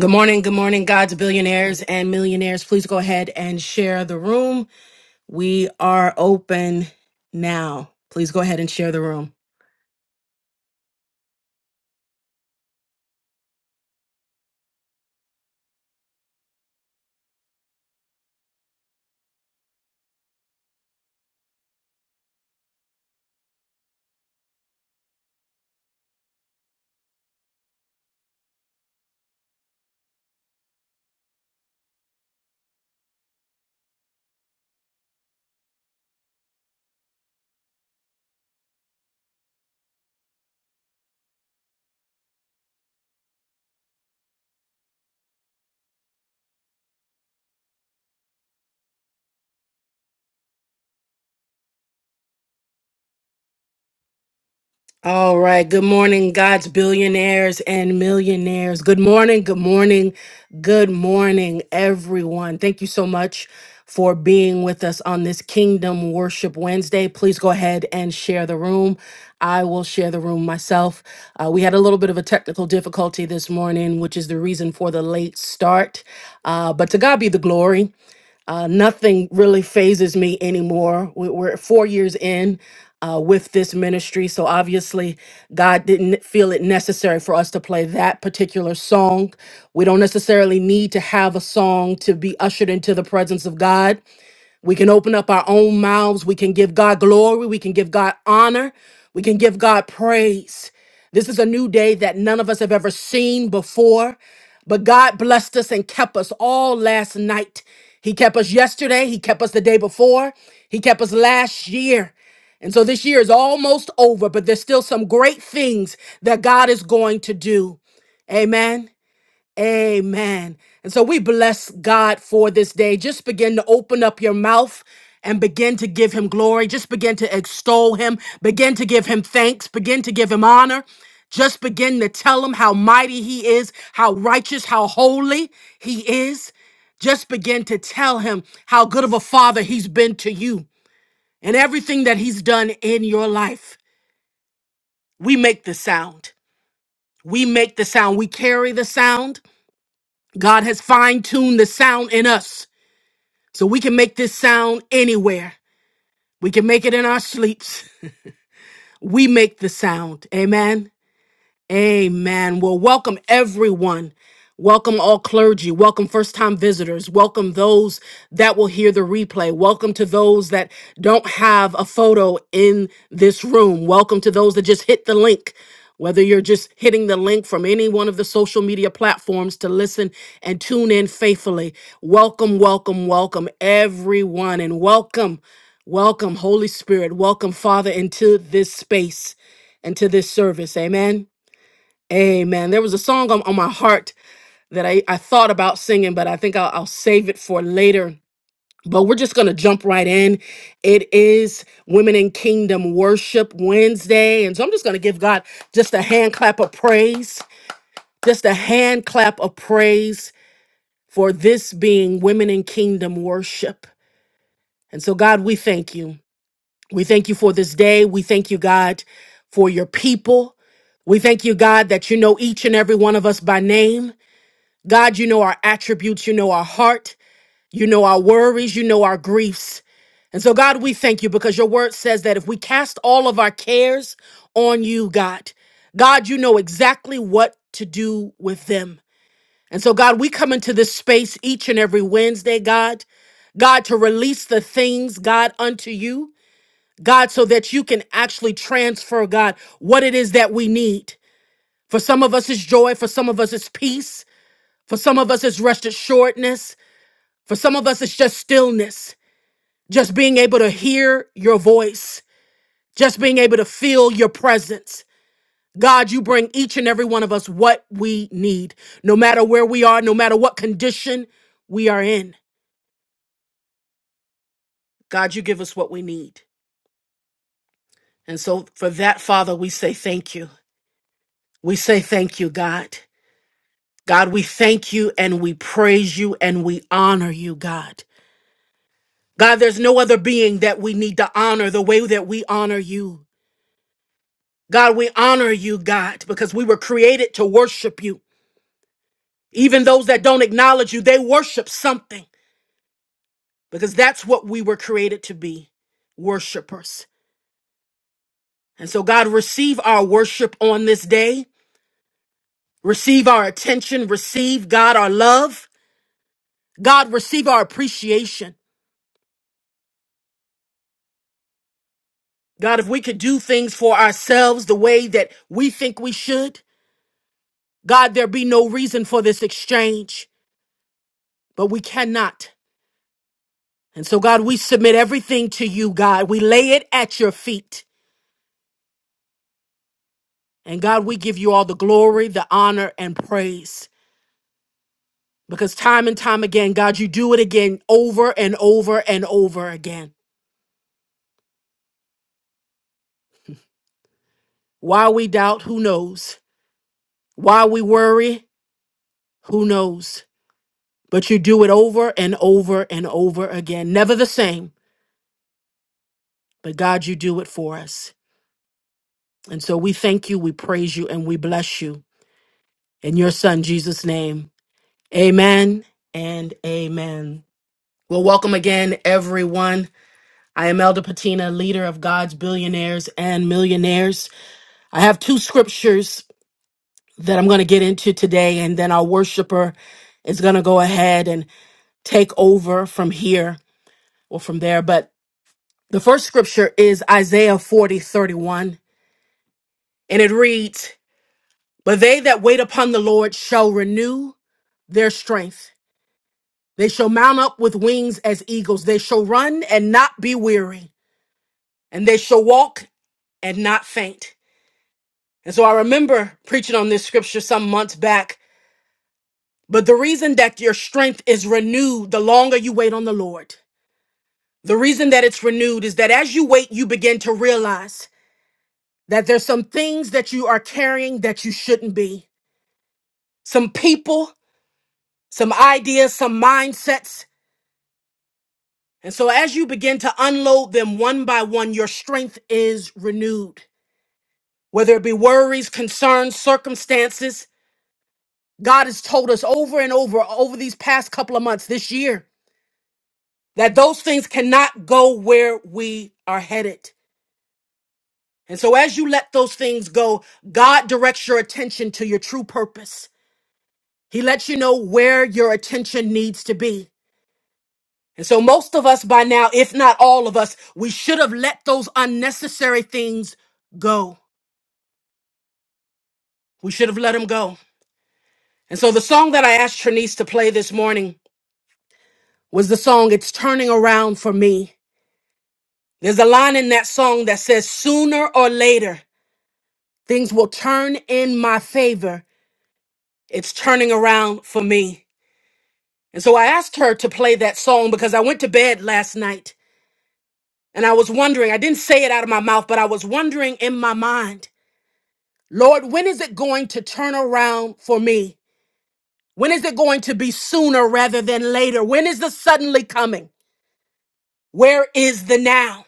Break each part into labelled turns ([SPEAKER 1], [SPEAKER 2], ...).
[SPEAKER 1] Good morning, good morning, God's billionaires and millionaires. Please go ahead and share the room. We are open now. Please go ahead and share the room. All right. Good morning, God's billionaires and millionaires. Good morning. Good morning. Good morning, everyone. Thank you so much for being with us on this Kingdom Worship Wednesday. Please go ahead and share the room. I will share the room myself. Uh, we had a little bit of a technical difficulty this morning, which is the reason for the late start. Uh, but to God be the glory. Uh, nothing really phases me anymore. We- We're four years in uh, with this ministry, so obviously God didn't feel it necessary for us to play that particular song. We don't necessarily need to have a song to be ushered into the presence of God. We can open up our own mouths. We can give God glory. We can give God honor. We can give God praise. This is a new day that none of us have ever seen before. But God blessed us and kept us all last night. He kept us yesterday. He kept us the day before. He kept us last year. And so this year is almost over, but there's still some great things that God is going to do. Amen. Amen. And so we bless God for this day. Just begin to open up your mouth and begin to give him glory. Just begin to extol him. Begin to give him thanks. Begin to give him honor. Just begin to tell him how mighty he is, how righteous, how holy he is. Just begin to tell him how good of a father he's been to you and everything that he's done in your life. We make the sound. We make the sound. We carry the sound. God has fine tuned the sound in us so we can make this sound anywhere. We can make it in our sleeps. We make the sound. Amen. Amen. Well, welcome everyone. Welcome all clergy. Welcome first time visitors. Welcome those that will hear the replay. Welcome to those that don't have a photo in this room. Welcome to those that just hit the link. Whether you're just hitting the link from any one of the social media platforms to listen and tune in faithfully. Welcome, welcome, welcome everyone and welcome, welcome Holy Spirit. Welcome Father into this space and to this service. Amen. Amen. There was a song on, on my heart that I, I thought about singing, but I think I'll, I'll save it for later. But we're just going to jump right in. It is Women in Kingdom Worship Wednesday. And so I'm just going to give God just a hand clap of praise, just a hand clap of praise for this being Women in Kingdom Worship. And so, God, we thank you. We thank you for this day. We thank you, God, for your people. We thank you, God, that you know each and every one of us by name. God, you know our attributes, you know our heart, you know our worries, you know our griefs. And so, God, we thank you because your word says that if we cast all of our cares on you, God, God, you know exactly what to do with them. And so, God, we come into this space each and every Wednesday, God, God, to release the things, God, unto you, God, so that you can actually transfer, God, what it is that we need. For some of us, it's joy. For some of us, it's peace. For some of us, it's rest assuredness. For some of us, it's just stillness, just being able to hear your voice, just being able to feel your presence. God, you bring each and every one of us what we need, no matter where we are, no matter what condition we are in. God, you give us what we need. And so for that, Father, we say thank you. We say thank you, God. God, we thank you and we praise you and we honor you, God. God, there's no other being that we need to honor the way that we honor you. God, we honor you, God, because we were created to worship you. Even those that don't acknowledge you, they worship something because that's what we were created to be worshipers. And so, God, receive our worship on this day. Receive our attention. Receive, God, our love. God, receive our appreciation. God, if we could do things for ourselves the way that we think we should, God, there be no reason for this exchange. but we cannot. And so, God, we submit everything to you, God. We lay it at your feet. And God, we give you all the glory, the honor, and praise. Because time and time again, God, you do it again over and over and over again. Why we doubt, who knows? Why we worry, who knows? But you do it over and over and over again. Never the same, but God, you do it for us. And so we thank you, we praise you, and we bless you. In your son, Jesus' name. Amen and amen. Well, welcome again, everyone. I am Elder Patina, leader of God's billionaires and millionaires. I have two scriptures that I'm going to get into today, and then our worshiper is going to go ahead and take over from here or from there. But the first scripture is Isaiah 40:31, and it reads, But they that wait upon the Lord shall renew their strength. They shall mount up with wings as eagles. They shall run and not be weary, and they shall walk and not faint. And so I remember preaching on this scripture some months back. But the reason that your strength is renewed the longer you wait on the Lord, the reason that it's renewed is that as you wait, you begin to realize that there's some things that you are carrying that you shouldn't be, some people, some ideas, some mindsets And so, as you begin to unload them one by one, your strength is renewed. Whether it be worries, concerns, circumstances, God has told us over and over, over these past couple of months this year, that those things cannot go where we are headed. And so, as you let those things go, God directs your attention to your true purpose. He lets you know where your attention needs to be. And so, most of us by now, if not all of us, we should have let those unnecessary things go. We should have let him go. And so the song that I asked Trinice to play this morning was the song It's Turning Around for Me. There's a line in that song that says, Sooner or later, things will turn in my favor. It's turning around for me. And so I asked her to play that song because I went to bed last night and I was wondering, I didn't say it out of my mouth, but I was wondering in my mind, Lord, when is it going to turn around for me? When is it going to be sooner rather than later? When is the suddenly coming? Where is the now?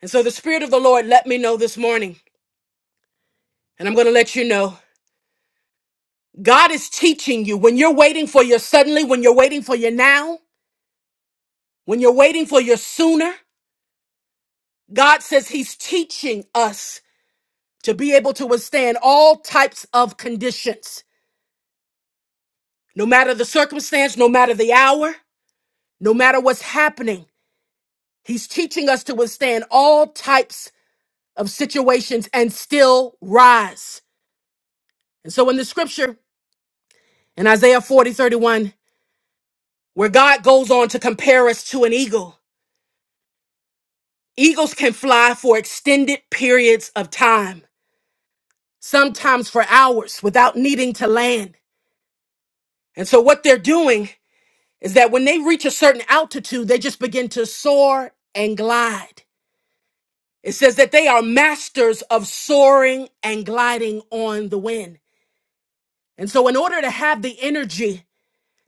[SPEAKER 1] And so the Spirit of the Lord let me know this morning, and I'm going to let you know God is teaching you when you're waiting for your suddenly, when you're waiting for your now, when you're waiting for your sooner. God says He's teaching us to be able to withstand all types of conditions, no matter the circumstance, no matter the hour, no matter what's happening. He's teaching us to withstand all types of situations and still rise. And so in the scripture, In Isaiah 40:31, where God goes on to compare us to an eagle, eagles can fly for extended periods of time, sometimes for hours without needing to land. And so, what they're doing is that when they reach a certain altitude, they just begin to soar and glide. It says that they are masters of soaring and gliding on the wind. And so, in order to have the energy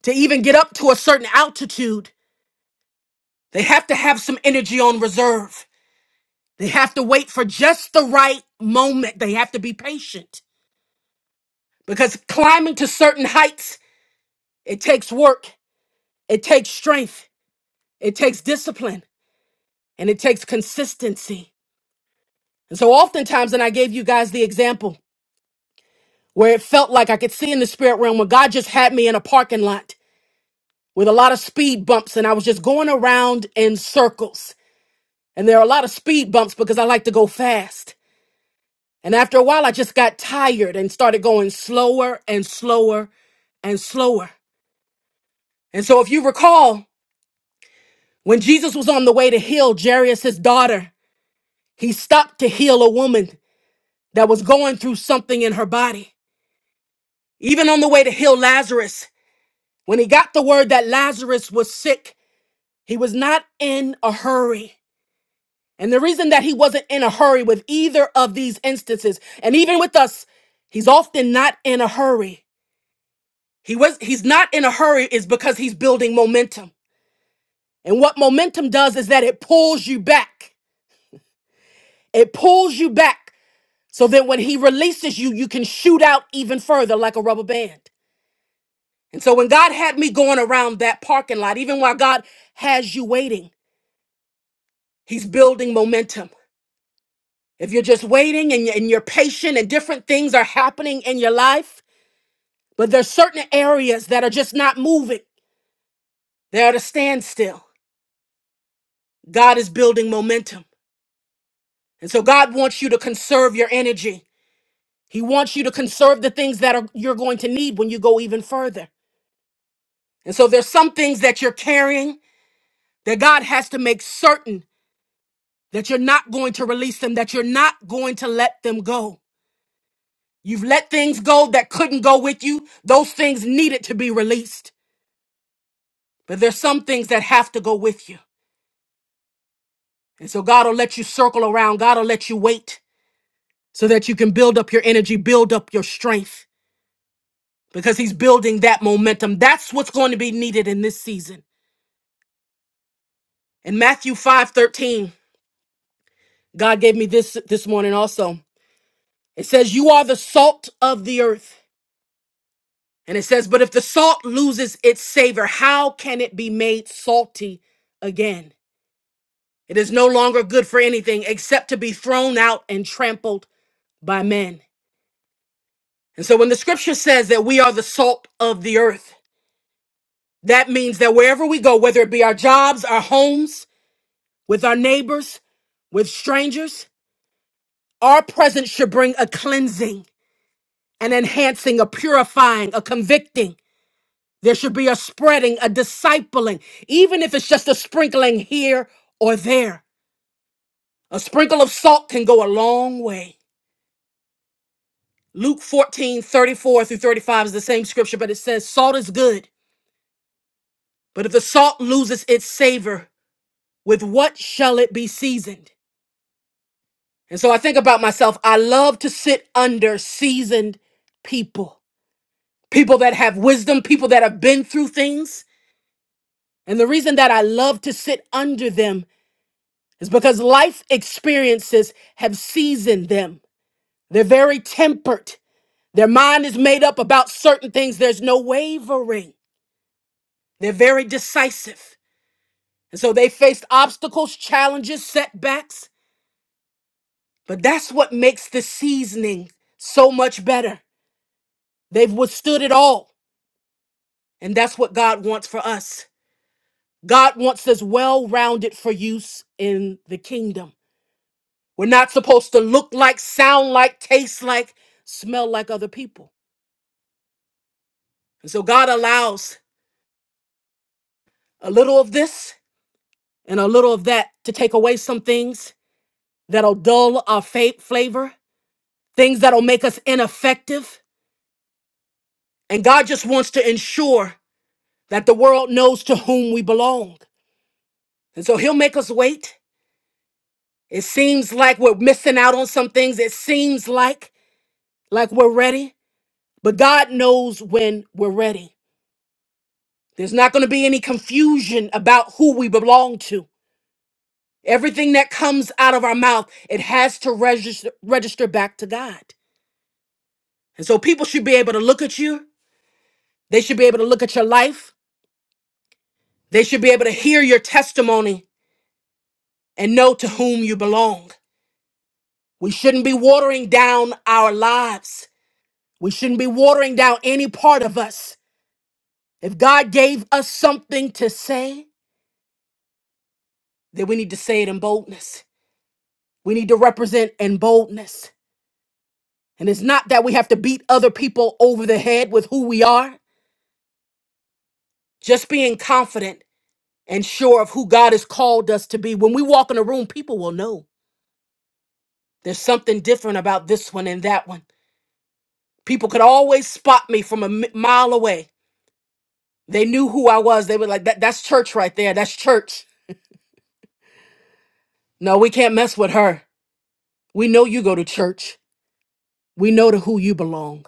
[SPEAKER 1] to even get up to a certain altitude, they have to have some energy on reserve. They have to wait for just the right moment. They have to be patient because climbing to certain heights, it takes work, it takes strength, it takes discipline, and it takes consistency. And so, oftentimes, and I gave you guys the example where it felt like I could see in the spirit realm where God just had me in a parking lot with a lot of speed bumps, and I was just going around in circles. And there are a lot of speed bumps because I like to go fast. And after a while, I just got tired and started going slower and slower and slower. And so, if you recall, when Jesus was on the way to heal Jairus, his daughter, he stopped to heal a woman that was going through something in her body. Even on the way to heal Lazarus, when he got the word that Lazarus was sick, he was not in a hurry. And the reason that he wasn't in a hurry with either of these instances, and even with us, he's often not in a hurry He was he's not in a hurry is because he's building momentum. And what momentum does is that it pulls you back. It pulls you back so that when he releases you, you can shoot out even further like a rubber band. And so when God had me going around that parking lot, even while God has you waiting, he's building momentum. If you're just waiting and you- and you're patient and different things are happening in your life, but there's certain areas that are just not moving. They're at a standstill. God is building momentum. And so God wants you to conserve your energy. He wants you to conserve the things that are, you're going to need when you go even further. And so there's some things that you're carrying that God has to make certain that you're not going to release them, that you're not going to let them go. You've let things go that couldn't go with you. Those things needed to be released. But there's some things that have to go with you. And so God will let you circle around. God will let you wait so that you can build up your energy, build up your strength. because he's building that momentum. That's what's going to be needed in this season. In Matthew 5 13, God gave me this this morning also. It says, You are the salt of the earth. And it says, But if the salt loses its savor, how can it be made salty again? It is no longer good for anything except to be thrown out and trampled by men. And so when the scripture says that we are the salt of the earth, that means that wherever we go, whether it be our jobs, our homes, with our neighbors, with strangers. Our presence should bring a cleansing, an enhancing, a purifying, a convicting. There should be a spreading, a discipling, even if it's just a sprinkling here or there. A sprinkle of salt can go a long way. Luke 14 34 through 35 is the same scripture, but it says, Salt is good, but if the salt loses its savor, with what shall it be seasoned? And so I think about myself. I love to sit under seasoned people. people that have wisdom, people that have been through things. And the reason that I love to sit under them is because life experiences have seasoned them. They're very tempered. Their mind is made up about certain things, there's no wavering. They're very decisive. And so they faced obstacles, challenges, setbacks. But that's what makes the seasoning so much better. They've withstood it all. And that's what God wants for us. God wants us well rounded for use in the kingdom. We're not supposed to look like, sound like, taste like, smell like other people. And so God allows a little of this and a little of that to take away some things that'll dull our fa- flavor, things that'll make us ineffective. And God just wants to ensure that the world knows to whom we belong. And so He'll make us wait. It seems like we're missing out on some things. It seems like like we're ready, But God knows when we're ready. There's not going to be any confusion about who we belong to. Everything that comes out of our mouth, it has to register, register back to God. And so people should be able to look at you. They should be able to look at your life. They should be able to hear your testimony and know to whom you belong. We shouldn't be watering down our lives. We shouldn't be watering down any part of us. If God gave us something to say, then we need to say it in boldness. We need to represent in boldness. And it's not that we have to beat other people over the head with who we are, just being confident and sure of who God has called us to be. When we walk in a room, people will know there's something different about this one and that one. People could always spot me from a mi- mile away. They knew who I was. They were like, that, that's church right there. That's church. No, we can't mess with her. We know you go to church. We know to who you belong.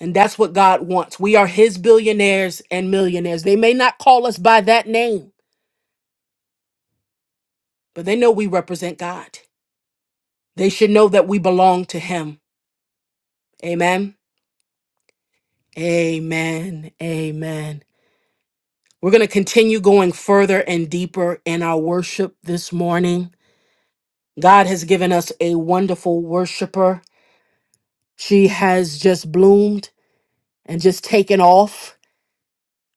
[SPEAKER 1] And that's what God wants. We are His billionaires and millionaires. They may not call us by that name, but they know we represent God. They should know that we belong to Him. Amen. Amen. Amen. We're going to continue going further and deeper in our worship this morning. God has given us a wonderful worshiper. She has just bloomed and just taken off.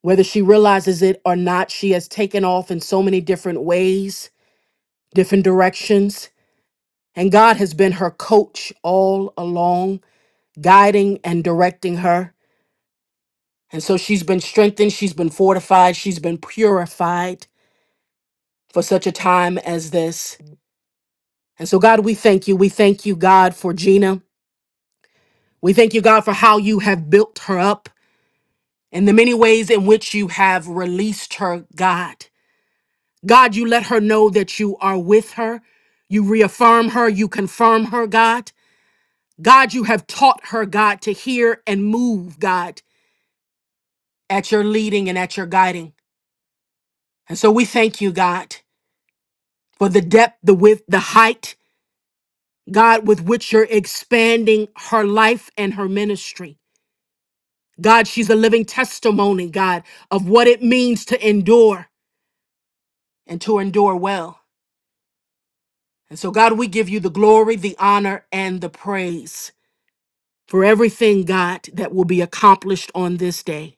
[SPEAKER 1] Whether she realizes it or not, she has taken off in so many different ways, different directions. And God has been her coach all along, guiding and directing her. And so she's been strengthened, she's been fortified, she's been purified for such a time as this. And so, God, we thank you. We thank you, God, for Gina. We thank you, God, for how you have built her up and the many ways in which you have released her, God. God, you let her know that you are with her. You reaffirm her, you confirm her, God. God, you have taught her, God, to hear and move, God. at your leading and at your guiding. And so we thank you, God, for the depth, the width, the height, God, with which you're expanding her life and her ministry. God, she's a living testimony, God, of what it means to endure and to endure well. And so, God, we give you the glory, the honor, and the praise for everything, God, that will be accomplished on this day.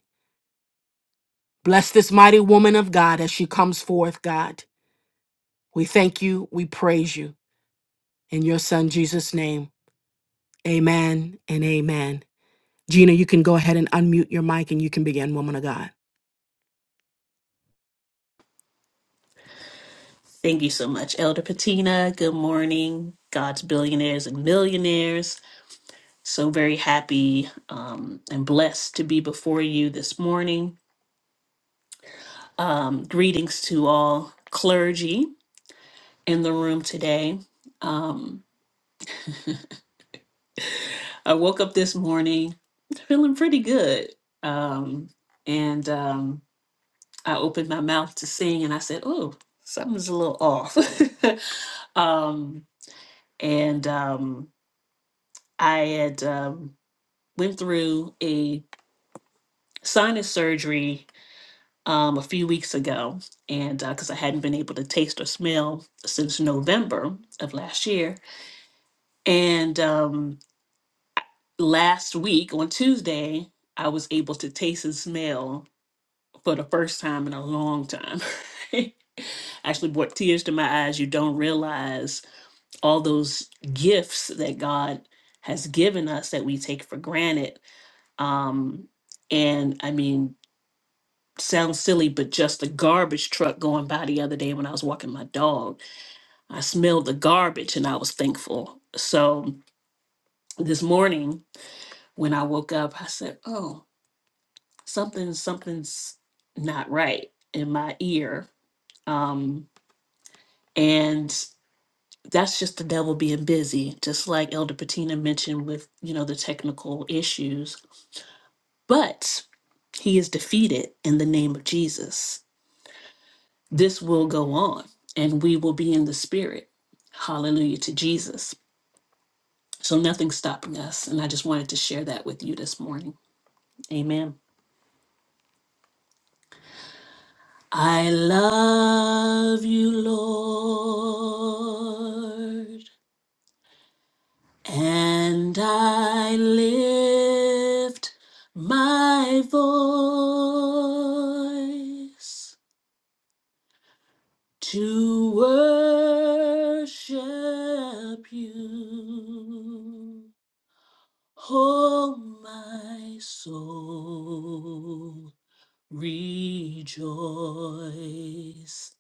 [SPEAKER 1] Bless this mighty woman of God as she comes forth, God. We thank you. We praise you. In your son, Jesus' name. Amen and amen. Gina, you can go ahead and unmute your mic and you can begin, woman of God.
[SPEAKER 2] Thank you so much, Elder Patina. Good morning, God's billionaires and millionaires. So very happy um, and blessed to be before you this morning. Um, greetings to all clergy in the room today. Um, I woke up this morning feeling pretty good. Um, and um, I opened my mouth to sing and I said, Oh, something's a little off. um, and um, I had. Um, went through a sinus surgery um, a few weeks ago, and because I hadn't been able to taste or smell since November of last year, and um, last week on Tuesday, I was able to taste and smell for the first time in a long time. Actually, brought tears to my eyes. You don't realize all those gifts that God has given us that we take for granted. Um, and I mean, sounds silly, but just a garbage truck going by the other day when I was walking my dog. I smelled the garbage and I was thankful. So this morning when I woke up, I said, Oh, something, something's not right in my ear. Um, and that's just the devil being busy, just like Elder Patina mentioned with, you know, the technical issues. But he is defeated in the name of Jesus this will go on and we will be in the spirit. Hallelujah to Jesus. So nothing's stopping us. And I just wanted to share that with you this morning. Amen. I love you, Lord, and I lift my voice to worship you. Oh, my soul, rejoice.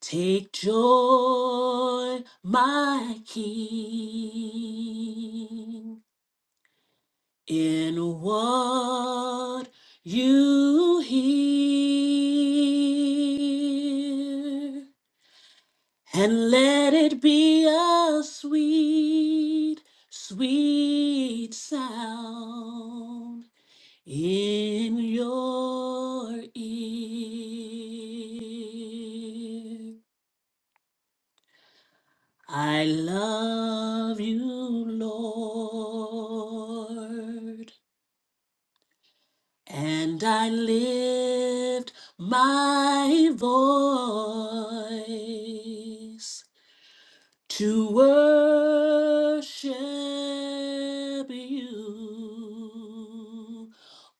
[SPEAKER 2] Take joy, my King, in what you hear, and let it be a sweet, sweet sound in your ear. I love you, Lord, and I lift my voice to worship you.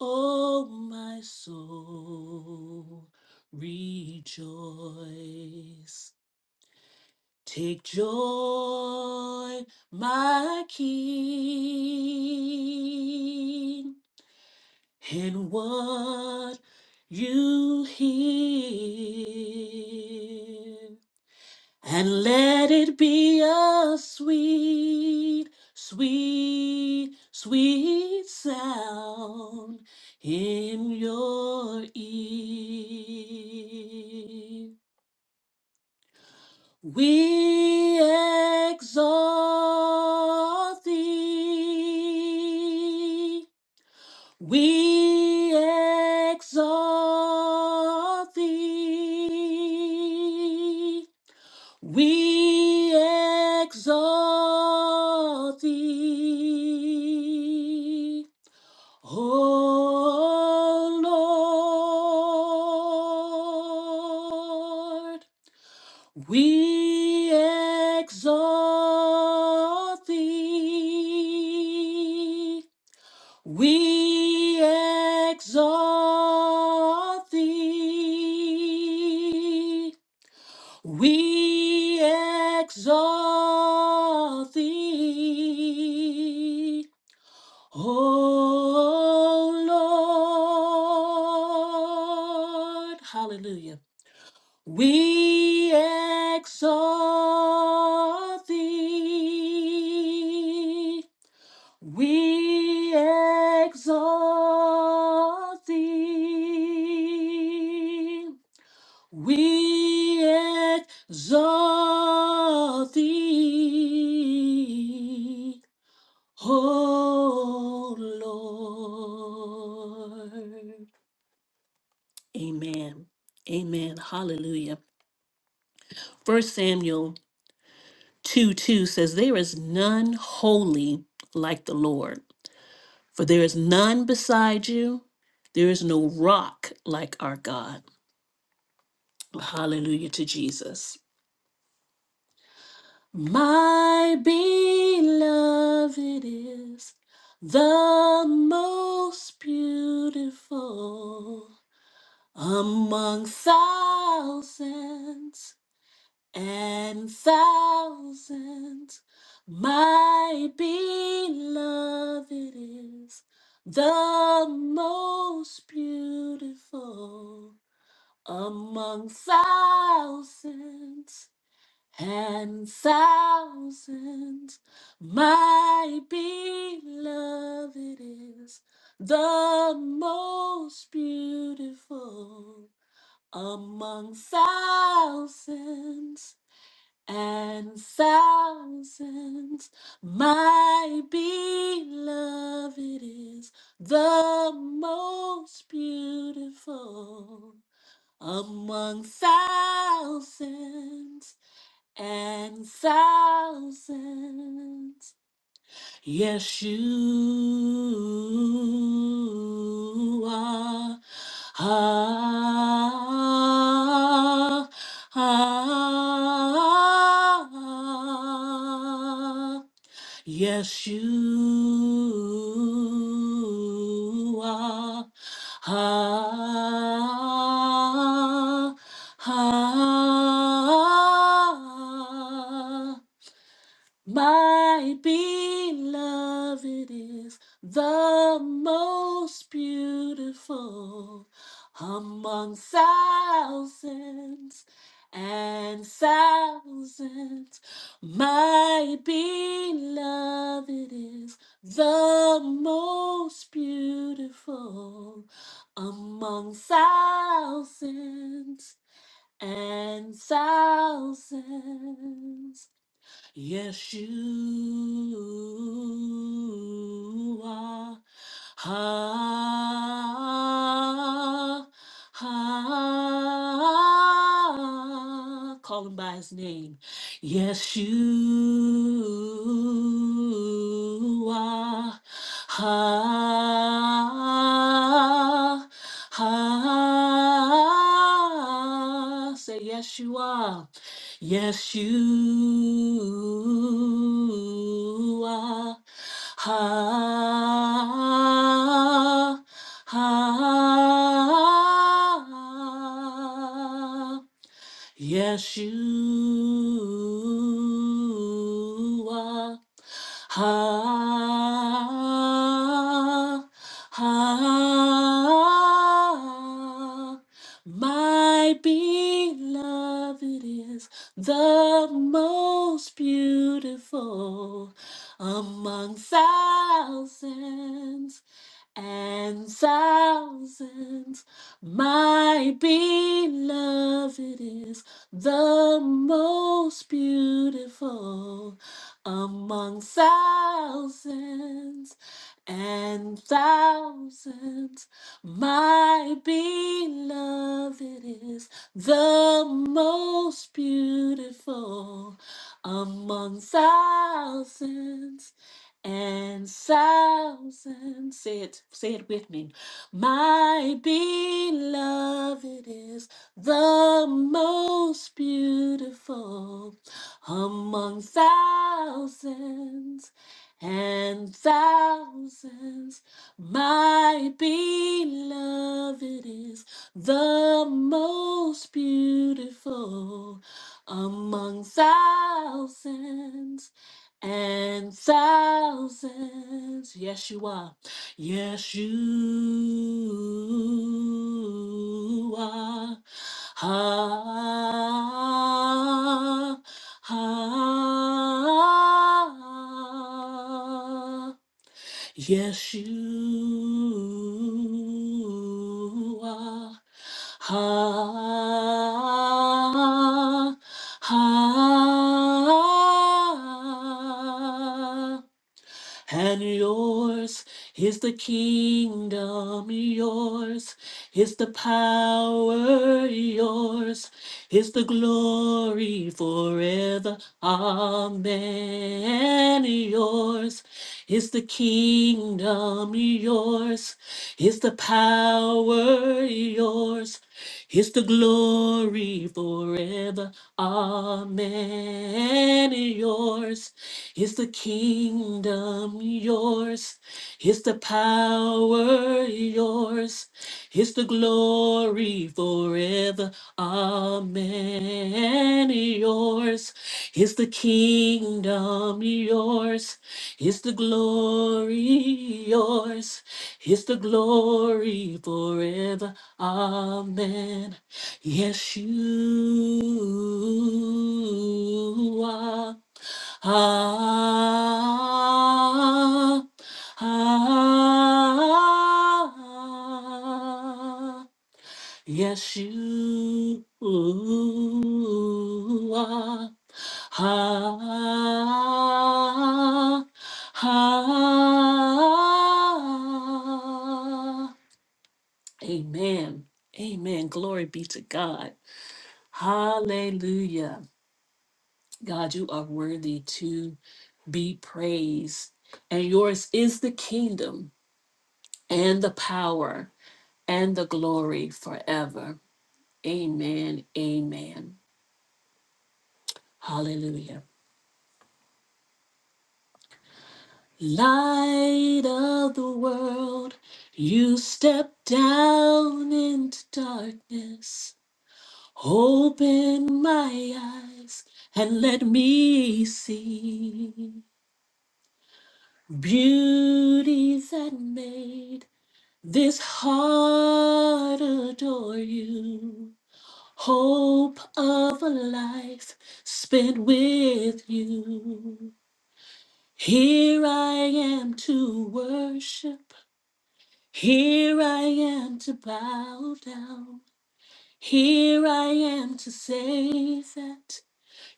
[SPEAKER 2] Oh, my soul, rejoice. Take joy, my King, in what you hear. And let it be a sweet, sweet, sweet sound in your ear. We exalt thee. We exalt thee. We exalt thee, O Lord. We exalt thee. We exalt thee. We exalt thee, O Lord. Hallelujah. We exalt thee. We exalt thee. We exalt thee, O Lord. Amen. Amen. Hallelujah. First Samuel 2 2 says, There is none holy like the Lord, for there is none beside you. There is no rock like our God. Hallelujah to Jesus. My beloved is the most beautiful among thousands and thousands. My beloved is the most beautiful among thousands and thousands. My beloved is the most beautiful among thousands and thousands. My beloved is the most beautiful among thousands and thousands. Yes, you are. Ah, ah, ah, Yes, you are. Ah, ah, my beloved is the most beautiful among thousands and thousands. My beloved is the most beautiful among thousands and thousands. Yes, you are. Ah, ah, call him by his name. Yes, you are. Ah, ah, say yes, you are. Yes, you are. Ha, ha, Yes, you are. Ah, ah, my beloved is the most beautiful among thousands and thousands. My beloved is the most beautiful among thousands and thousands. My beloved is the most beautiful among thousands and thousand. Say it, say it with me. My beloved is the most beautiful among thousands and thousands. My beloved is the most beautiful among thousands and thousands. Yes, you are. Yes, you are. Ah, ah, Yes, you are. Ha, ha, and yours is the kingdom, yours is the power, yours is the glory forever. Amen. Yours is the kingdom, yours is the power, yours. It's the glory forever. Amen. Yours is the kingdom, yours is the power, yours is the glory forever. Amen. Yours is the kingdom, yours yours? Is the glory yours? Is the glory forever? Amen. Yes, you are. Ah, ah, Yes, you are. Ha, ha. Amen. Amen. Glory be to God. Hallelujah. God, you are worthy to be praised. And yours is the kingdom and the power and the glory forever. Amen. Amen. Hallelujah. Light of the world, you step down into darkness. Open my eyes and let me see beauty that made this heart adore you. Hope of a life spent with you. Here I am to worship. Here I am to bow down. Here I am to say that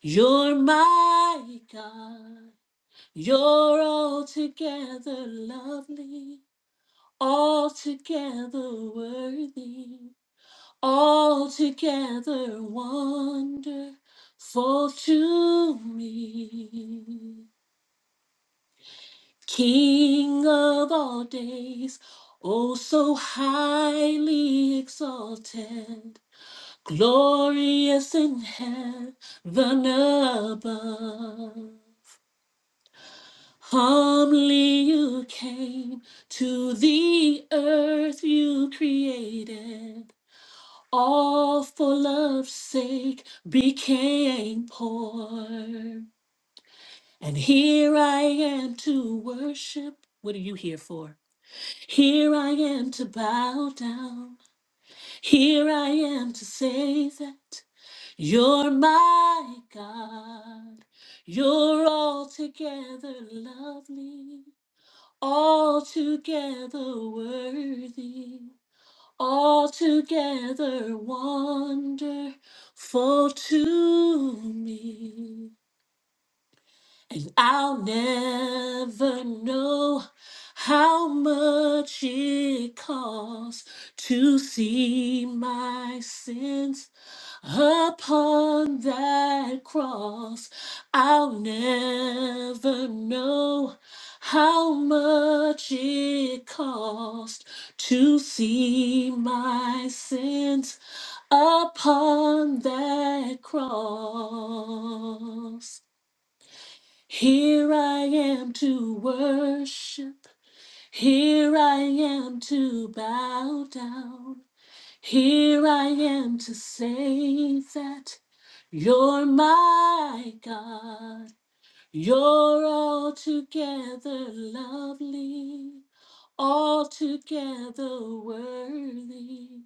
[SPEAKER 2] you're my God. You're altogether lovely, altogether worthy, altogether wonderful to me. King of all days, oh so highly exalted, glorious in heaven above. Humbly you came to the earth you created, all for love's sake became poor. And here I am to worship. What are you here for? Here I am to bow down. Here I am to say that you're my God. You're altogether lovely, altogether worthy, altogether wonderful to me. And I'll never know how much it costs to see my sins upon that cross. I'll never know how much it cost to see my sins upon that cross. Here I am to worship. Here I am to bow down. Here I am to say that you're my God. You're altogether lovely, altogether worthy,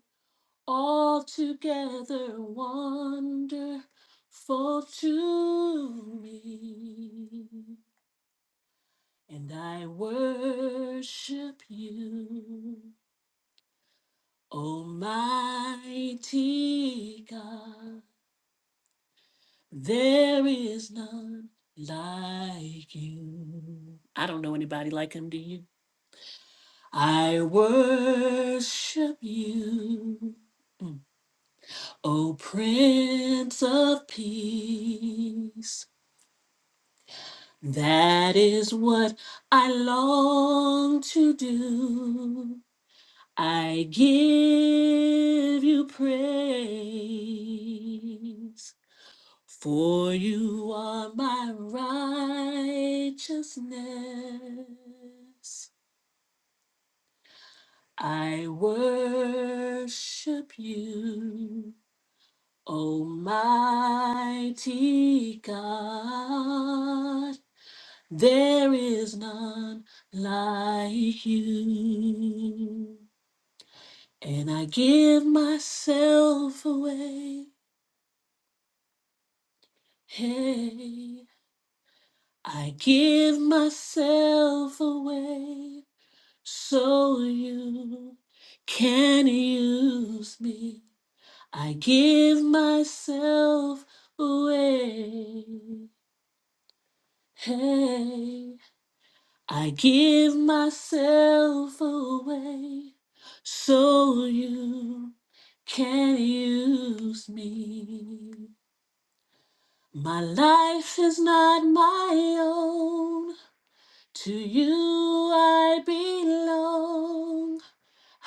[SPEAKER 2] altogether wonderful to me. And I worship you, Almighty God. There is none like you. I don't know anybody like him, do you? I worship you, Mm. O Prince of Peace. That is what I long to do. I give you praise, for you are my righteousness. I worship you, Almighty God. There is none like you, and I give myself away. Hey, I give myself away so you can use me. I give myself away. Hey, I give myself away so you can use me. My life is not my own. To you I belong.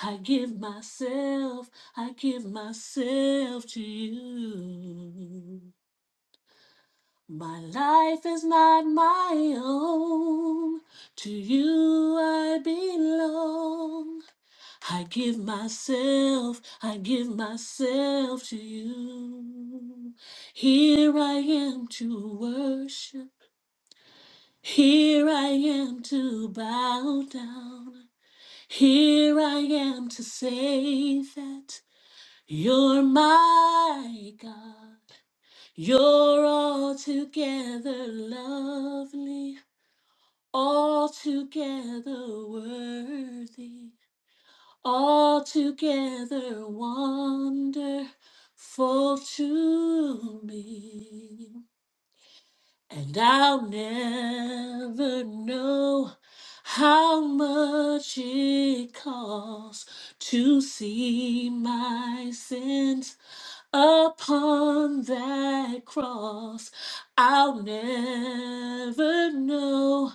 [SPEAKER 2] I give myself, I give myself to you. My life is not my own. To you I belong. I give myself, I give myself to you. Here I am to worship. Here I am to bow down. Here I am to say that you're my God. You're altogether lovely, altogether worthy, altogether wonderful to me. And I'll never know how much it costs to see my sins upon that cross. I'll never know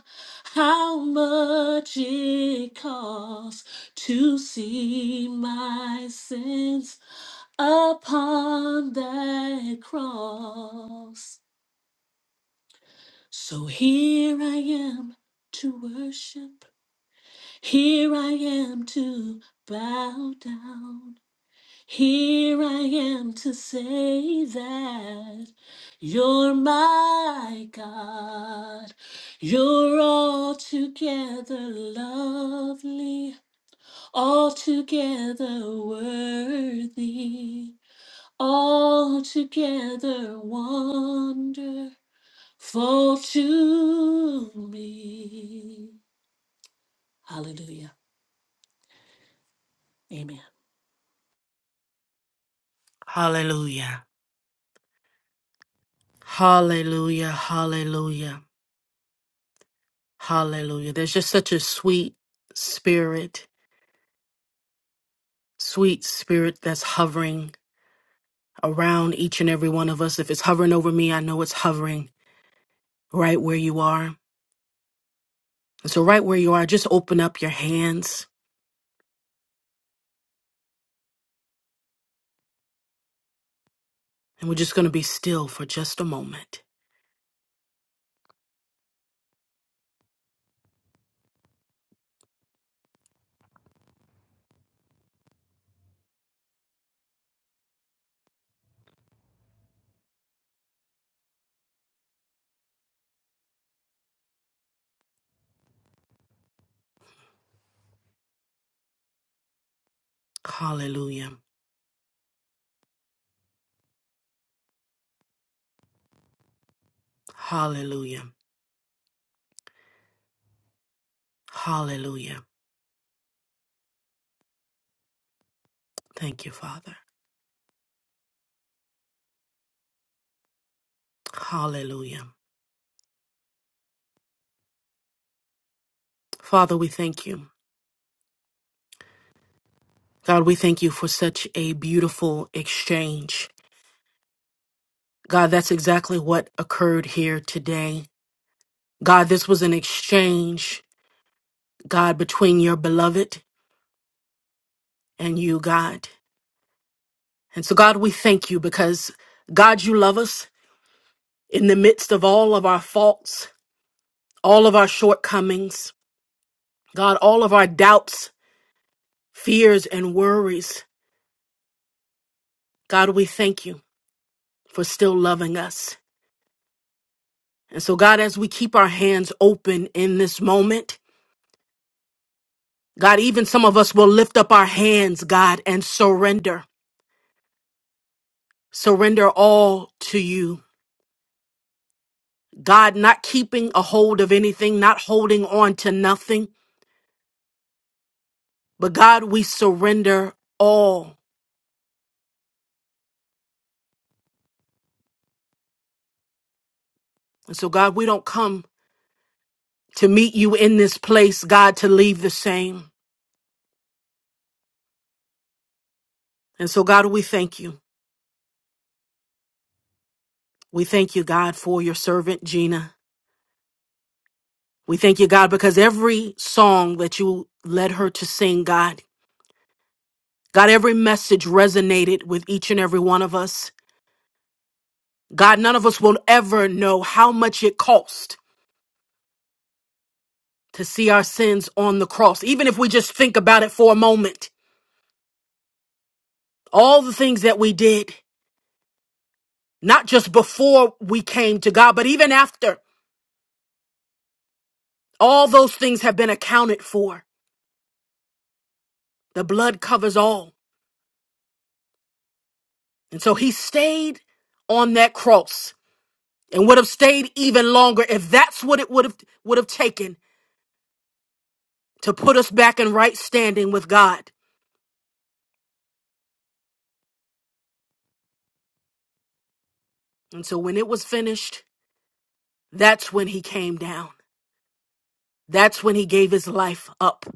[SPEAKER 2] how much it costs to see my sins upon that cross. So here I am to worship. Here I am to bow down. Here I am to say that you're my God. You're altogether lovely, altogether worthy, altogether wonderful fall to me. Hallelujah. Amen.
[SPEAKER 1] Hallelujah. Hallelujah. Hallelujah. Hallelujah. There's just such a sweet spirit, sweet spirit that's hovering around each and every one of us. If it's hovering over me, I know it's hovering right where you are. And so, right where you are, just open up your hands and we're just going to be still for just a moment. Hallelujah. Hallelujah. Hallelujah. Thank you, Father. Hallelujah. Father, we thank you. God, we thank you for such a beautiful exchange. God, that's exactly what occurred here today. God, this was an exchange, God, between your beloved and you, God. And so, God, we thank you because, God, you love us in the midst of all of our faults, all of our shortcomings, God, all of our doubts, fears, and worries. God, we thank you for still loving us. And so, God, as we keep our hands open in this moment, God, even some of us will lift up our hands, God, and surrender. Surrender all to you. God, not keeping a hold of anything, not holding on to nothing, but God, we surrender all. And so, God, we don't come to meet you in this place, God, to leave the same. And so, God, we thank you. We thank you, God, for your servant, Gina. We thank you, God, because every song that you led her to sing, God. God, every message resonated with each and every one of us. God, none of us will ever know how much it cost to see our sins on the cross, even if we just think about it for a moment. All the things that we did, not just before we came to God, but even after, all those things have been accounted for. The blood covers all. And so he stayed on that cross and would have stayed even longer if that's what it would have would have taken to put us back in right standing with God. And so when it was finished, that's when he came down. That's when he gave his life up.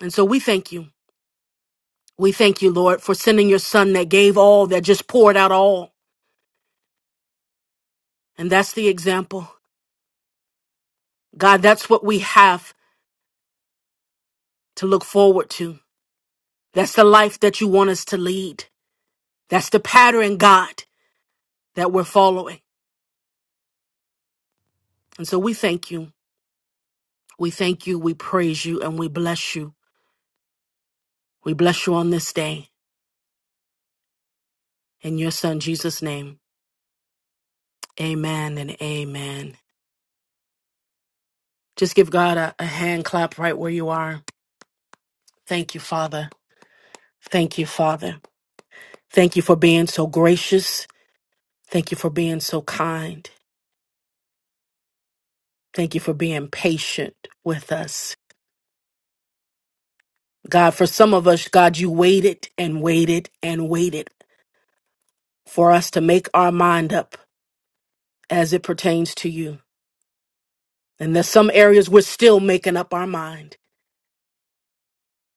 [SPEAKER 1] And so we thank you. We thank you, Lord, for sending your son that gave all, that just poured out all. And that's the example. God, that's what we have to look forward to. That's the life that you want us to lead. That's the pattern, God, that we're following. And so we thank you. We thank you. We praise you and we bless you. We bless you on this day. In your son, Jesus' name. Amen and amen. Just give God a, a hand clap right where you are. Thank you, Father. Thank you, Father. Thank you for being so gracious. Thank you for being so kind. Thank you for being patient with us. God, for some of us, God, you waited and waited and waited for us to make our mind up as it pertains to you. And there's some areas we're still making up our mind.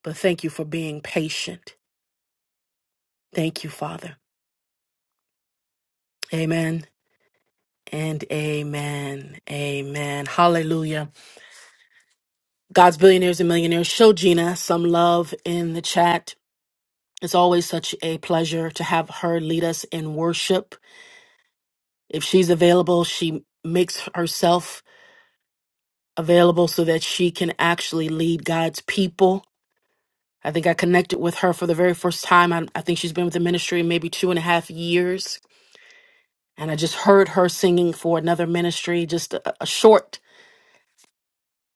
[SPEAKER 1] But thank you for being patient. Thank you, Father. Amen and amen. Amen. Hallelujah. God's Billionaires and Millionaires. Show Gina some love in the chat. It's always such a pleasure to have her lead us in worship. If she's available, she makes herself available so that she can actually lead God's people. I think I connected with her for the very first time. I, I think she's been with the ministry maybe two and a half years. And I just heard her singing for another ministry, just a, a short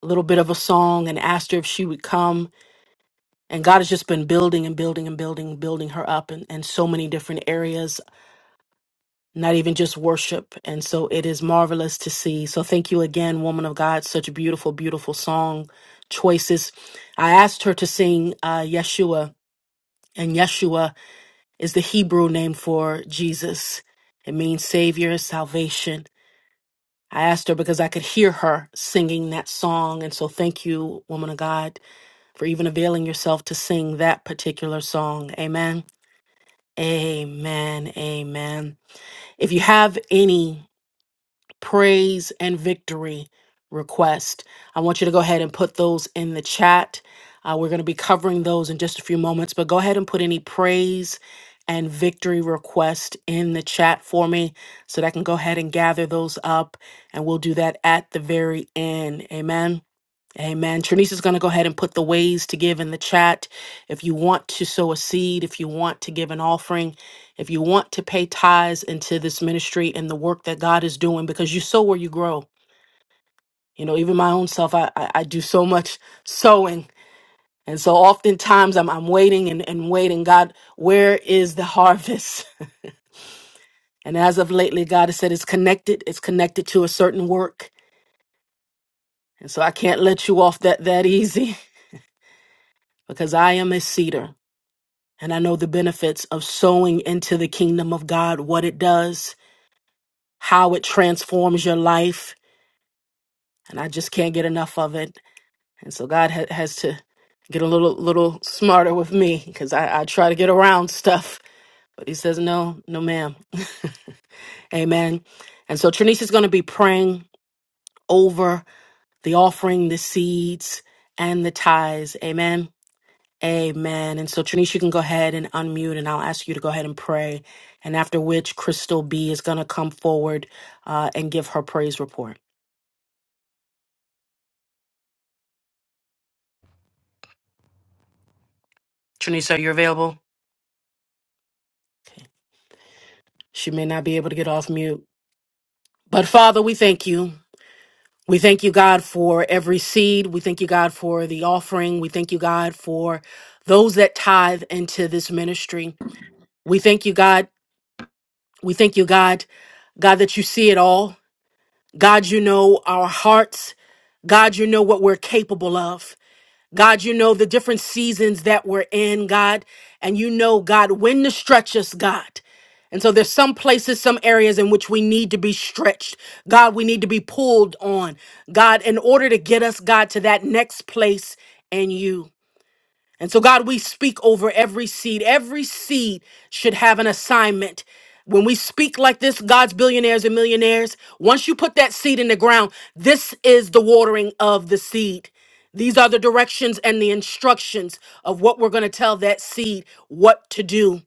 [SPEAKER 1] little bit of a song, and asked her if she would come and God has just been building and building and building, building her up in, in so many different areas, not even just worship. And so it is marvelous to see. So thank you again, woman of God. Such a beautiful, beautiful song choices. I asked her to sing uh, Yeshua, and Yeshua is the Hebrew name for Jesus. It means Savior, salvation. I asked her because I could hear her singing that song. And so thank you, woman of God, for even availing yourself to sing that particular song. Amen. Amen. Amen. If you have any praise and victory request, I want you to go ahead and put those in the chat. Uh, we're going to be covering those in just a few moments, but go ahead and put any praise and victory request in the chat for me so that I can go ahead and gather those up and we'll do that at the very end. Amen. Amen. Trinice is going to go ahead and put the ways to give in the chat. If you want to sow a seed, if you want to give an offering, if you want to pay tithes into this ministry and the work that God is doing, because you sow where you grow. You know, even my own self, I, I, I do so much sowing. And so oftentimes I'm, I'm waiting and, and waiting. God, where is the harvest? And as of lately, God has said it's connected. It's connected to a certain work. And so I can't let you off that, that easy because I am a cedar. And I know the benefits of sowing into the kingdom of God, what it does, how it transforms your life. And I just can't get enough of it. And so God ha- has to get a little, little smarter with me because I, I try to get around stuff. But he says, no, no, ma'am. Amen. And so Trinice is going to be praying over the offering, the seeds, and the tithes. Amen. Amen. And so, Trinish, you can go ahead and unmute, and I'll ask you to go ahead and pray. And after which, Crystal B is going to come forward uh, and give her praise report. Trinice, are you available? She may not be able to get off mute. But, Father, we thank you. We thank you, God, for every seed. We thank you, God, for the offering. We thank you, God, for those that tithe into this ministry. We thank you, God. We thank you, God, God, that you see it all. God, you know our hearts. God, you know what we're capable of. God, you know the different seasons that we're in, God. And you know, God, when to stretch us, God. And so there's some places, some areas in which we need to be stretched. God, we need to be pulled on. God, in order to get us, God, to that next place in you. And so, God, we speak over every seed. Every seed should have an assignment. When we speak like this, God's billionaires and millionaires, once you put that seed in the ground, this is the watering of the seed. These are the directions and the instructions of what we're going to tell that seed what to do.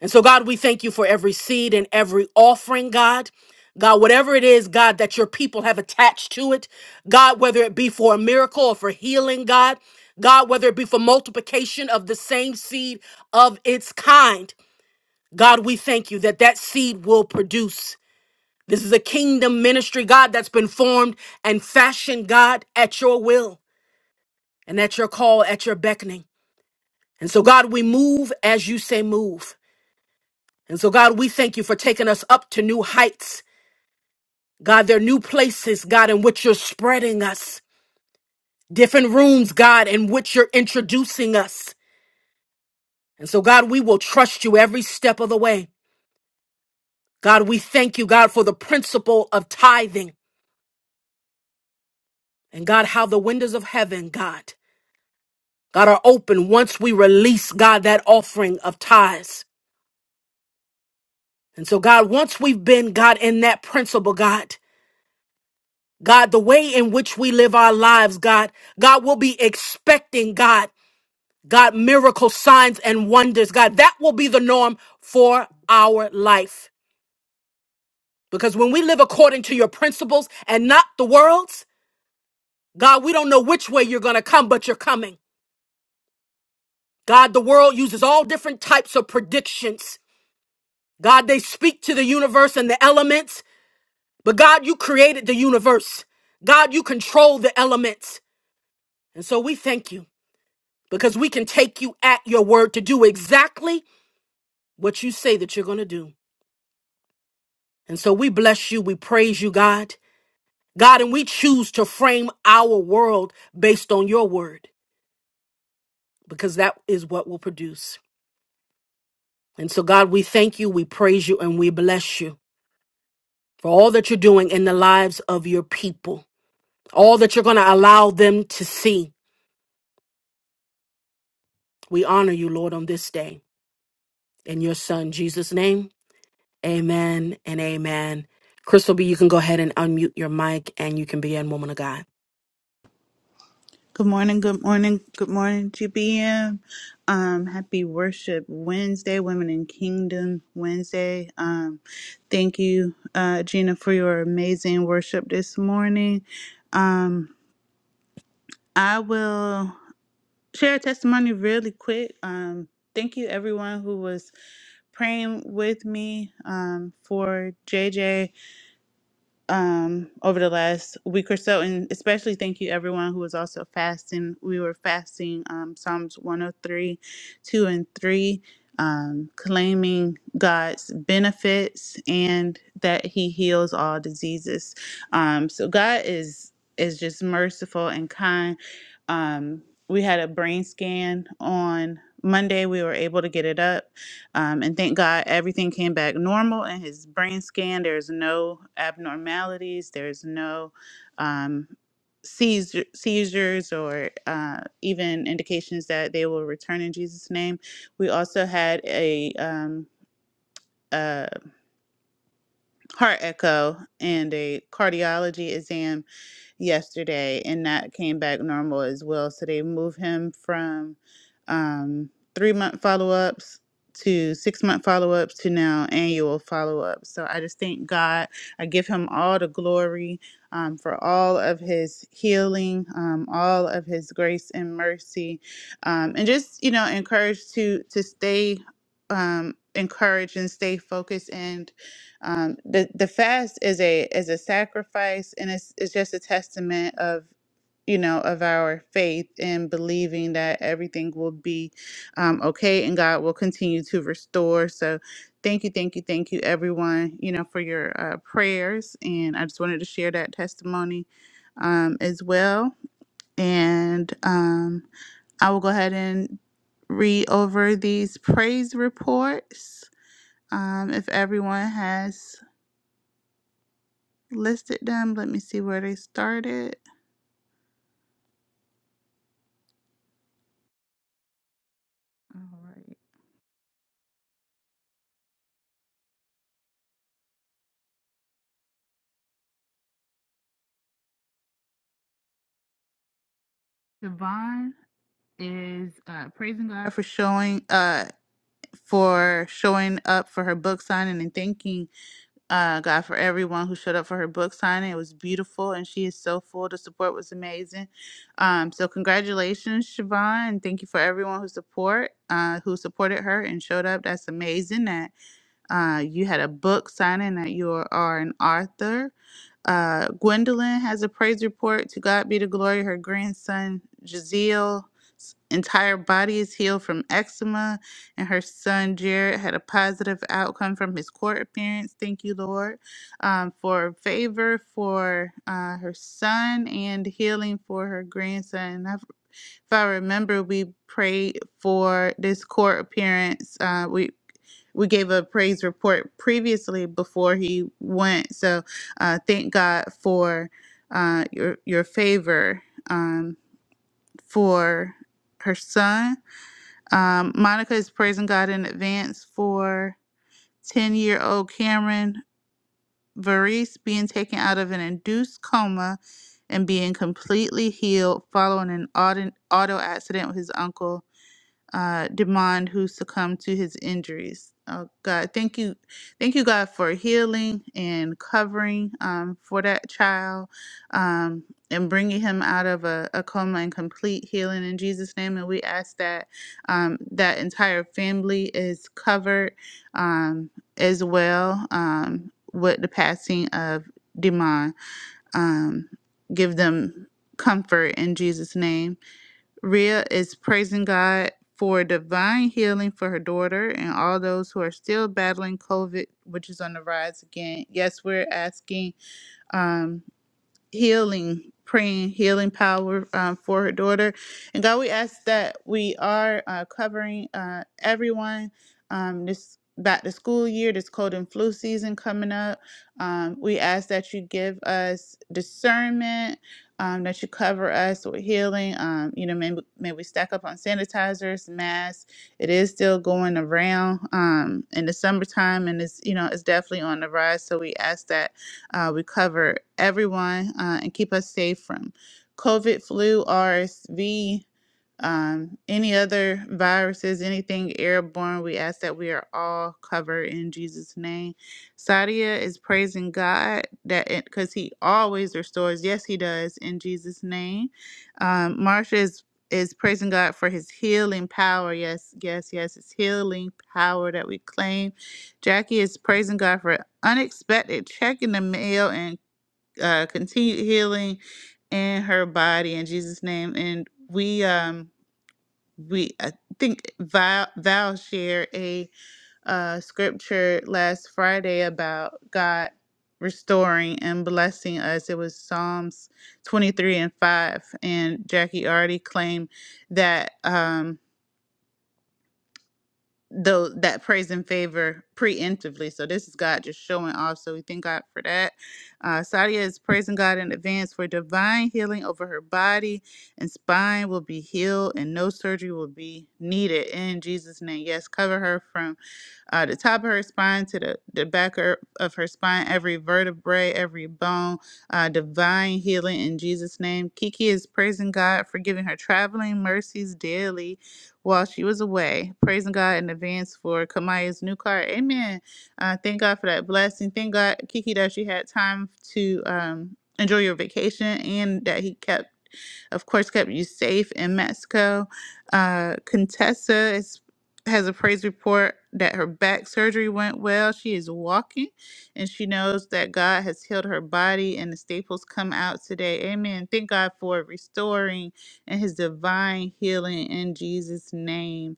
[SPEAKER 1] And so, God, we thank you for every seed and every offering, God. God, whatever it is, God, that your people have attached to it, God, whether it be for a miracle or for healing, God, God, whether it be for multiplication of the same seed of its kind, God, we thank you that that seed will produce. This is a kingdom ministry, God, that's been formed and fashioned, God, at your will and at your call, at your beckoning. And so, God, we move as you say move. And so, God, we thank you for taking us up to new heights. God, there are new places, God, in which you're spreading us. different rooms, God, in which you're introducing us. And so, God, we will trust you every step of the way. God, we thank you, God, for the principle of tithing. And God, how the windows of heaven, God, God, are open once we release, God, that offering of tithes. And so, God, once we've been, God, in that principle, God, God, the way in which we live our lives, God, God will be expecting, God, God, miracle signs and wonders, God. That will be the norm for our life. Because when we live according to your principles and not the world's, God, we don't know which way you're going to come, but you're coming. God, the world uses all different types of predictions. God, they speak to the universe and the elements, but God, you created the universe. God, you control the elements. And so we thank you because we can take you at your word to do exactly what you say that you're going to do. And so we bless you. We praise you, God. God, and we choose to frame our world based on your word. because that is what will produce. And so, God, we thank you, we praise you, and we bless you for all that you're doing in the lives of your people, all that you're going to allow them to see. We honor you, Lord, on this day. In your Son, Jesus' name, amen and amen. Crystal B, you can go ahead and unmute your mic and you can be in Woman of God.
[SPEAKER 3] Good morning, good morning, good morning, GBM. Um, happy Worship Wednesday, Women in Kingdom Wednesday. Um, thank you, uh, Gina, for your amazing worship this morning. Um, I will share a testimony really quick. Um, thank you, everyone who was praying with me um, for JJ um, over the last week or so, and especially thank you everyone who was also fasting. We were fasting um, Psalms 103, 2 and 3, um, claiming God's benefits and that He heals all diseases. Um, so God is is just merciful and kind. Um, we had a brain scan on Monday. We were able to get it up um, and thank God everything came back normal in his brain scan. There's no abnormalities, there's no um, seizure, seizures or uh, even indications that they will return in Jesus' name. We also had a, um, a heart echo and a cardiology exam yesterday, and that came back normal as well. So they moved him from um, three month follow ups to six month follow ups to now annual follow ups. So I just thank God. I give him all the glory um, for all of his healing, um, all of his grace and mercy, um, and just you know encouraged to to stay um, encouraged and stay focused and um, the the fast is a is a sacrifice, and it's it's just a testament of you know of our faith and believing that everything will be um, okay, and God will continue to restore. So, thank you, thank you, thank you, everyone. You know for your uh, prayers, and I just wanted to share that testimony um, as well. And um, I will go ahead and read over these praise reports. Um, if everyone has. listed them. Let me see where they started. All right. Devon is uh, praising God for showing uh for showing up for her book signing and thanking uh God for everyone who showed up for her book signing. It was beautiful and she is so full. The support was amazing. Um so congratulations, Siobhan, and thank you for everyone who support uh who supported her and showed up. That's amazing. That. Uh, you had a book signing that you are are an author. Uh, Gwendolyn has a praise report. To God be the glory. Her grandson, Jaziel's entire body is healed from eczema, and her son, Jared, had a positive outcome from his court appearance. Thank you, Lord, um, for favor for uh, her son and healing for her grandson. And I've if I remember, we prayed for this court appearance. Uh, we we gave a praise report previously before he went. So uh, thank God for uh, your your favor um, for her son. Um, Monica is praising God in advance for ten year old Cameron Varese being taken out of an induced coma and being completely healed following an auto, auto accident with his uncle uh, demand who succumbed to his injuries. Oh God, thank you, thank you, God, for healing and covering um, for that child um, and bringing him out of a, a coma and complete healing in Jesus' name. And we ask that um, that entire family is covered um, as well um, with the passing of Demon. Um, give them comfort in Jesus' name Rhea is praising God for divine healing for her daughter and all those who are still battling COVID, which is on the rise again. Yes, we're asking. Um, healing, praying healing power um, for her daughter. And God, we ask that we are uh, covering uh, everyone um, this back to school year, this cold and flu season coming up. Um, we ask that you give us discernment. Um, that you cover us with healing. Um, you know, may, may we stack up on sanitizers, masks. It is still going around um, in the summertime, and it's you know it's definitely on the rise. So we ask that uh, we cover everyone uh, and keep us safe from COVID, flu, RSV, um, any other viruses, anything airborne, we ask that we are all covered in Jesus' name. Sadia is praising God that because He always restores. Yes, He does in Jesus' name. Um, Marsha is is praising God for His healing power. Yes, yes, yes, His healing power that we claim. Jackie is praising God for unexpected check in the mail and uh, continued healing in her body in Jesus' name. And we um we I think Val Val shared a uh, scripture last Friday about God restoring and blessing us. It was Psalms 23 and 5, and Jackie already claimed that. Um, though that praise and favor preemptively. So this is God just showing off. So we thank God for that. Uh, Sadia is praising God in advance for divine healing over her body and spine will be healed and no surgery will be needed in Jesus' name. Yes, cover her from uh, the top of her spine to the, the back her- of her spine, every vertebrae, every bone, uh, divine healing in Jesus' name. Kiki is praising God for giving her traveling mercies daily while she was away. Praising God in advance for Kamaya's new car. Amen. Uh, thank God for that blessing. Thank God, Kiki, that you had time to um, enjoy your vacation and that He kept of course, kept you safe in Mexico. Uh, Contessa is has a praise report that her back surgery went well. She is walking and she knows that God has healed her body and the staples come out today. Amen. Thank God for restoring and his divine healing in Jesus' name.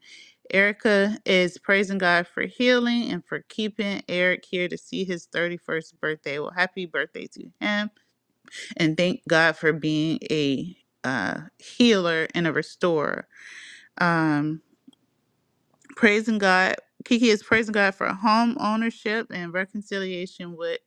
[SPEAKER 3] Erica is praising God for healing and for keeping Eric here to see his 31st birthday. Well, happy birthday to him. And thank God for being a uh, healer and a restorer. Um, praising God. Kiki is praising God for home ownership and reconciliation with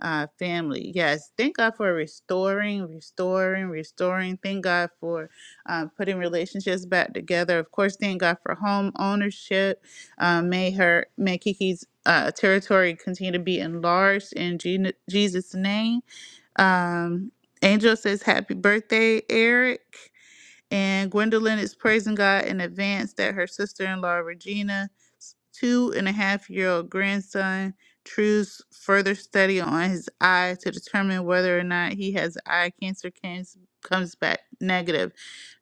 [SPEAKER 3] uh, family. Yes, thank God for restoring, restoring, restoring. Thank God for um, putting relationships back together. Of course, thank God for home ownership. Uh, may her, may Kiki's uh, territory continue to be enlarged in Gen- Jesus' name. Um, Angel says, "Happy birthday, Eric." And Gwendolyn is praising God in advance that her sister in law Regina's two and a half year old grandson True's further study on his eye to determine whether or not he has eye cancer comes, comes back negative.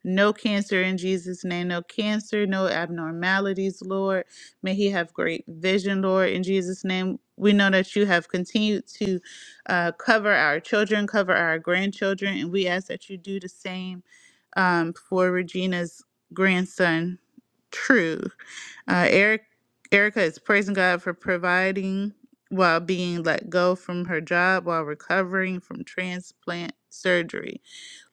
[SPEAKER 3] No cancer in Jesus' name, no cancer, no abnormalities, Lord. May he have great vision, Lord, in Jesus' name. We know that you have continued to uh, cover our children, cover our grandchildren, and we ask that you do the same um, for Regina's grandson, True. Uh, Eric, Erica is praising God for providing while being let go from her job while recovering from transplant surgery.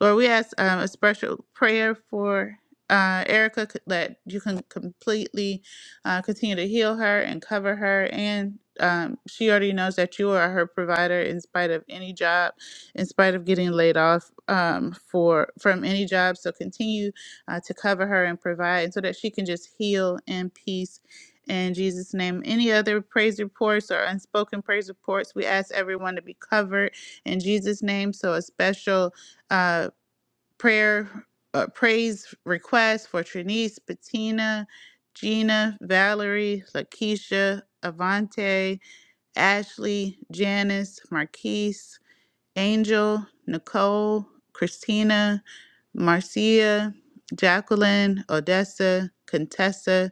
[SPEAKER 3] Lord, we ask um, a special prayer for uh, Erica c- that you can completely uh, continue to heal her and cover her. And um, she already knows that you are her provider in spite of any job in spite of getting laid off um, for from any job. So continue uh, to cover her and provide so that she can just heal in peace. In Jesus' name, any other praise reports or unspoken praise reports, we ask everyone to be covered in Jesus' name. So a special uh, prayer, uh, praise request for Trinice, Bettina, Gina, Valerie, Lakeisha, Avante, Ashley, Janice, Marquise. Angel, Nicole, Christina, Marcia, Jacqueline, Odessa, Contessa,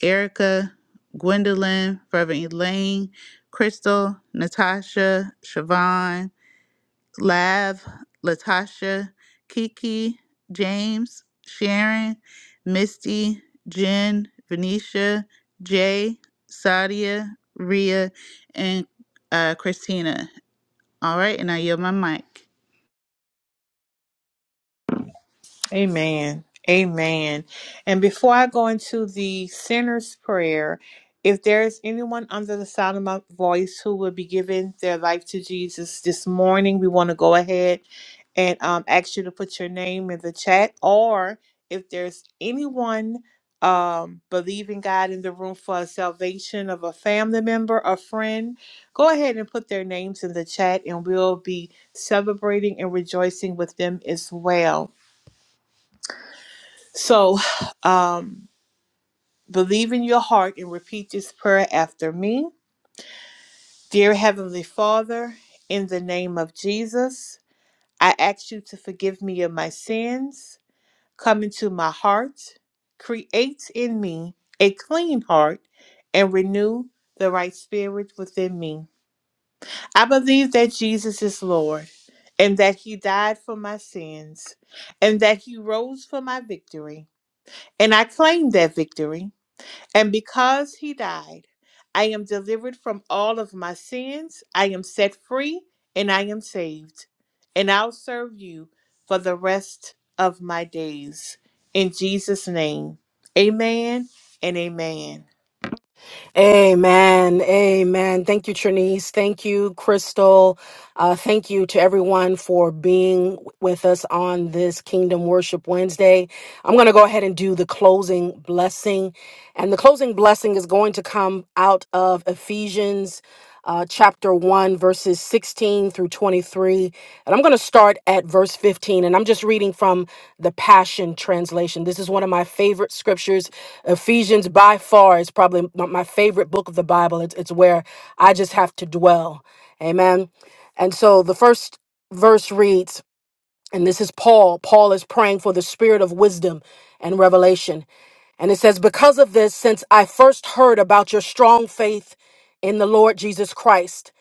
[SPEAKER 3] Erica, Gwendolyn, Reverend Elaine, Crystal, Natasha, Siobhan, Lav, Latasha, Kiki, James, Sharon, Misty, Jen, Venetia, Jay, Sadia, Rhea, and uh, Christina. All right, and I yield my mic.
[SPEAKER 4] Amen. Amen. And before I go into the sinner's prayer, if there is anyone under the sound of my voice who will be giving their life to Jesus this morning, we want to go ahead and um, ask you to put your name in the chat. Or if there's anyone um, believing God in the room for a salvation of a family member, a friend, go ahead and put their names in the chat and we'll be celebrating and rejoicing with them as well. So, um, believe in your heart and repeat this prayer after me. Dear Heavenly Father, in the name of Jesus, I ask you to forgive me of my sins. Come into my heart, create in me a clean heart, and renew the right spirit within me. I believe that Jesus is Lord. And that he died for my sins, and that he rose for my victory. And I claim that victory. And because he died, I am delivered from all of my sins. I am set free and I am saved. And I'll serve you for the rest of my days. In Jesus' name, amen and amen.
[SPEAKER 1] Amen. Amen. Thank you, Trinice. Thank you, Crystal. Uh, thank you to everyone for being with us on this Kingdom Worship Wednesday. I'm going to go ahead and do the closing blessing. And the closing blessing is going to come out of Ephesians uh, chapter 1, verses 16 through 23. And I'm going to start at verse 15, and I'm just reading from the Passion Translation. This is one of my favorite scriptures. Ephesians, by far, is probably my my favorite book of the Bible. It's, it's where I just have to dwell. Amen. And so the first verse reads, and this is Paul. Paul is praying for the spirit of wisdom and revelation. And it says, Because of this, since I first heard about your strong faith in the Lord Jesus Christ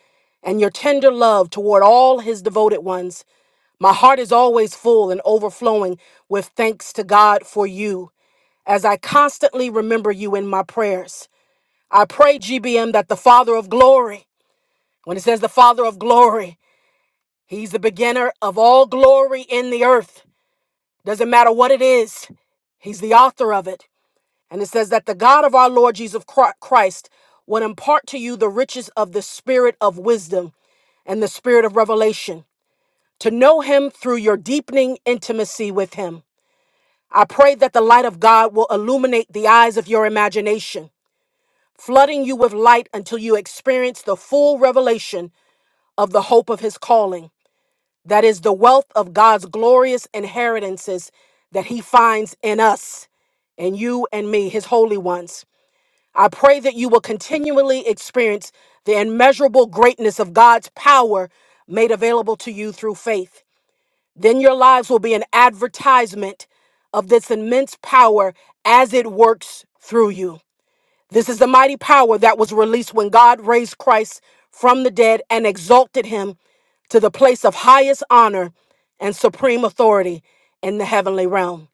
[SPEAKER 1] and your tender love toward all his devoted ones, my heart is always full and overflowing with thanks to God for you, as I constantly remember you in my prayers. I pray, GBM, that the Father of glory, when it says the Father of glory, he's the beginner of all glory in the earth doesn't matter what it is, He's the author of it. And it says that the God of our Lord Jesus Chri- Christ would impart to you the riches of the spirit of wisdom and the spirit of revelation, to know Him through your deepening intimacy with Him. I pray that the light of God will illuminate the eyes of your imagination, flooding you with light until you experience the full revelation of the hope of His calling. That is the wealth of God's glorious inheritances that he finds in us and you and me, his holy ones. I pray that you will continually experience the immeasurable greatness of God's power made available to you through faith. Then your lives will be an advertisement of this immense power as it works through you. This is the mighty power that was released when God raised Christ from the dead and exalted him to the place of highest honor and supreme authority in the heavenly realm.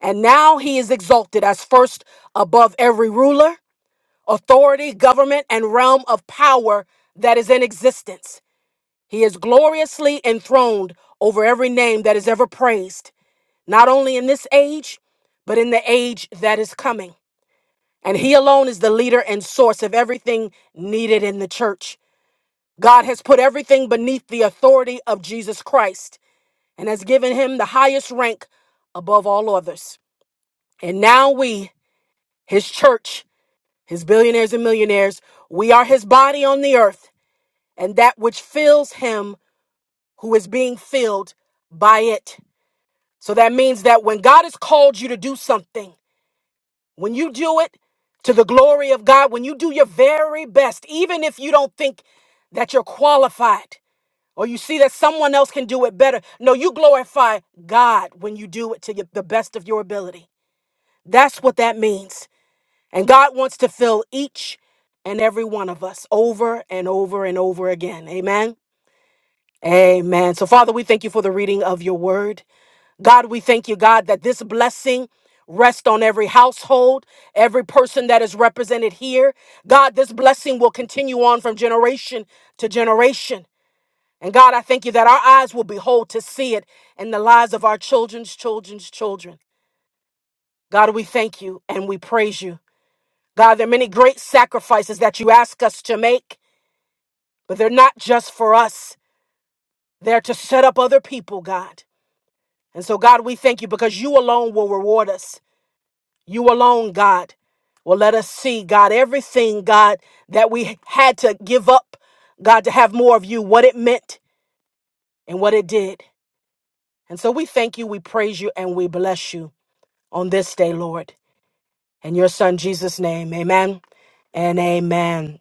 [SPEAKER 1] And now he is exalted as first above every ruler, authority, government, and realm of power that is in existence. He is gloriously enthroned over every name that is ever praised, not only in this age, but in the age that is coming. And he alone is the leader and source of everything needed in the church. God has put everything beneath the authority of Jesus Christ and has given him the highest rank above all others. And now we, his church, his billionaires and millionaires, we are his body on the earth and that which fills him who is being filled by it. So that means that when God has called you to do something, When you do it to the glory of God, when you do your very best, even if you don't think that you're qualified or you see that someone else can do it better, no, you glorify God when you do it to your- the best of your ability. That's what that means. And God wants to fill each and every one of us over and over and over again. Amen. Amen. So, Father, we thank you for the reading of your word. God, we thank you, God, that this blessing rest on every household, every person that is represented here. God, this blessing will continue on from generation to generation. And God, I thank you that our eyes will behold to see it in the lives of our children's children's children. God, we thank you and we praise you. God, there are many great sacrifices that you ask us to make, but they're not just for us. They're to set up other people, God. And so, God, we thank you because you alone will reward us. You alone, God, will let us see, God, everything, God, that we had to give up, God, to have more of you, what it meant and what it did. And so we thank you, we praise you, and we bless you on this day, Lord. In your son Jesus' name, amen and amen.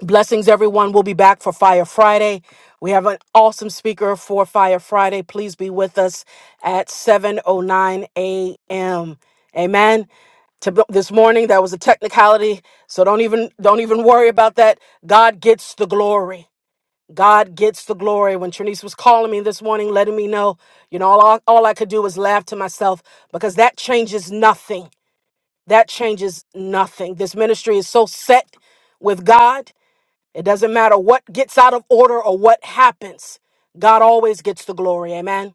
[SPEAKER 1] Blessings, everyone. We'll be back for Fire Friday. We have an awesome speaker for Fire Friday. Please be with us at 7.09 a.m. Amen. To this morning, that was a technicality. So don't even don't even worry about that. God gets the glory. God gets the glory. When Trinice was calling me this morning, letting me know, you know, all, all I could do was laugh to myself because that changes nothing. That changes nothing. This ministry is so set with God. It doesn't matter what gets out of order or what happens. God always gets the glory. Amen.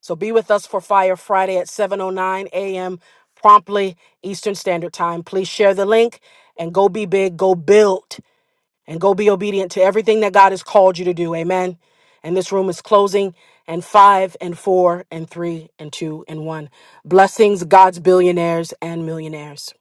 [SPEAKER 1] So be with us for Fire Friday at 7:09 a.m. promptly Eastern Standard Time. Please share the link and go be big, go build and go be obedient to everything that God has called you to do. Amen. And this room is closing and 5 and 4 and 3 and 2 and 1. Blessings God's billionaires and millionaires.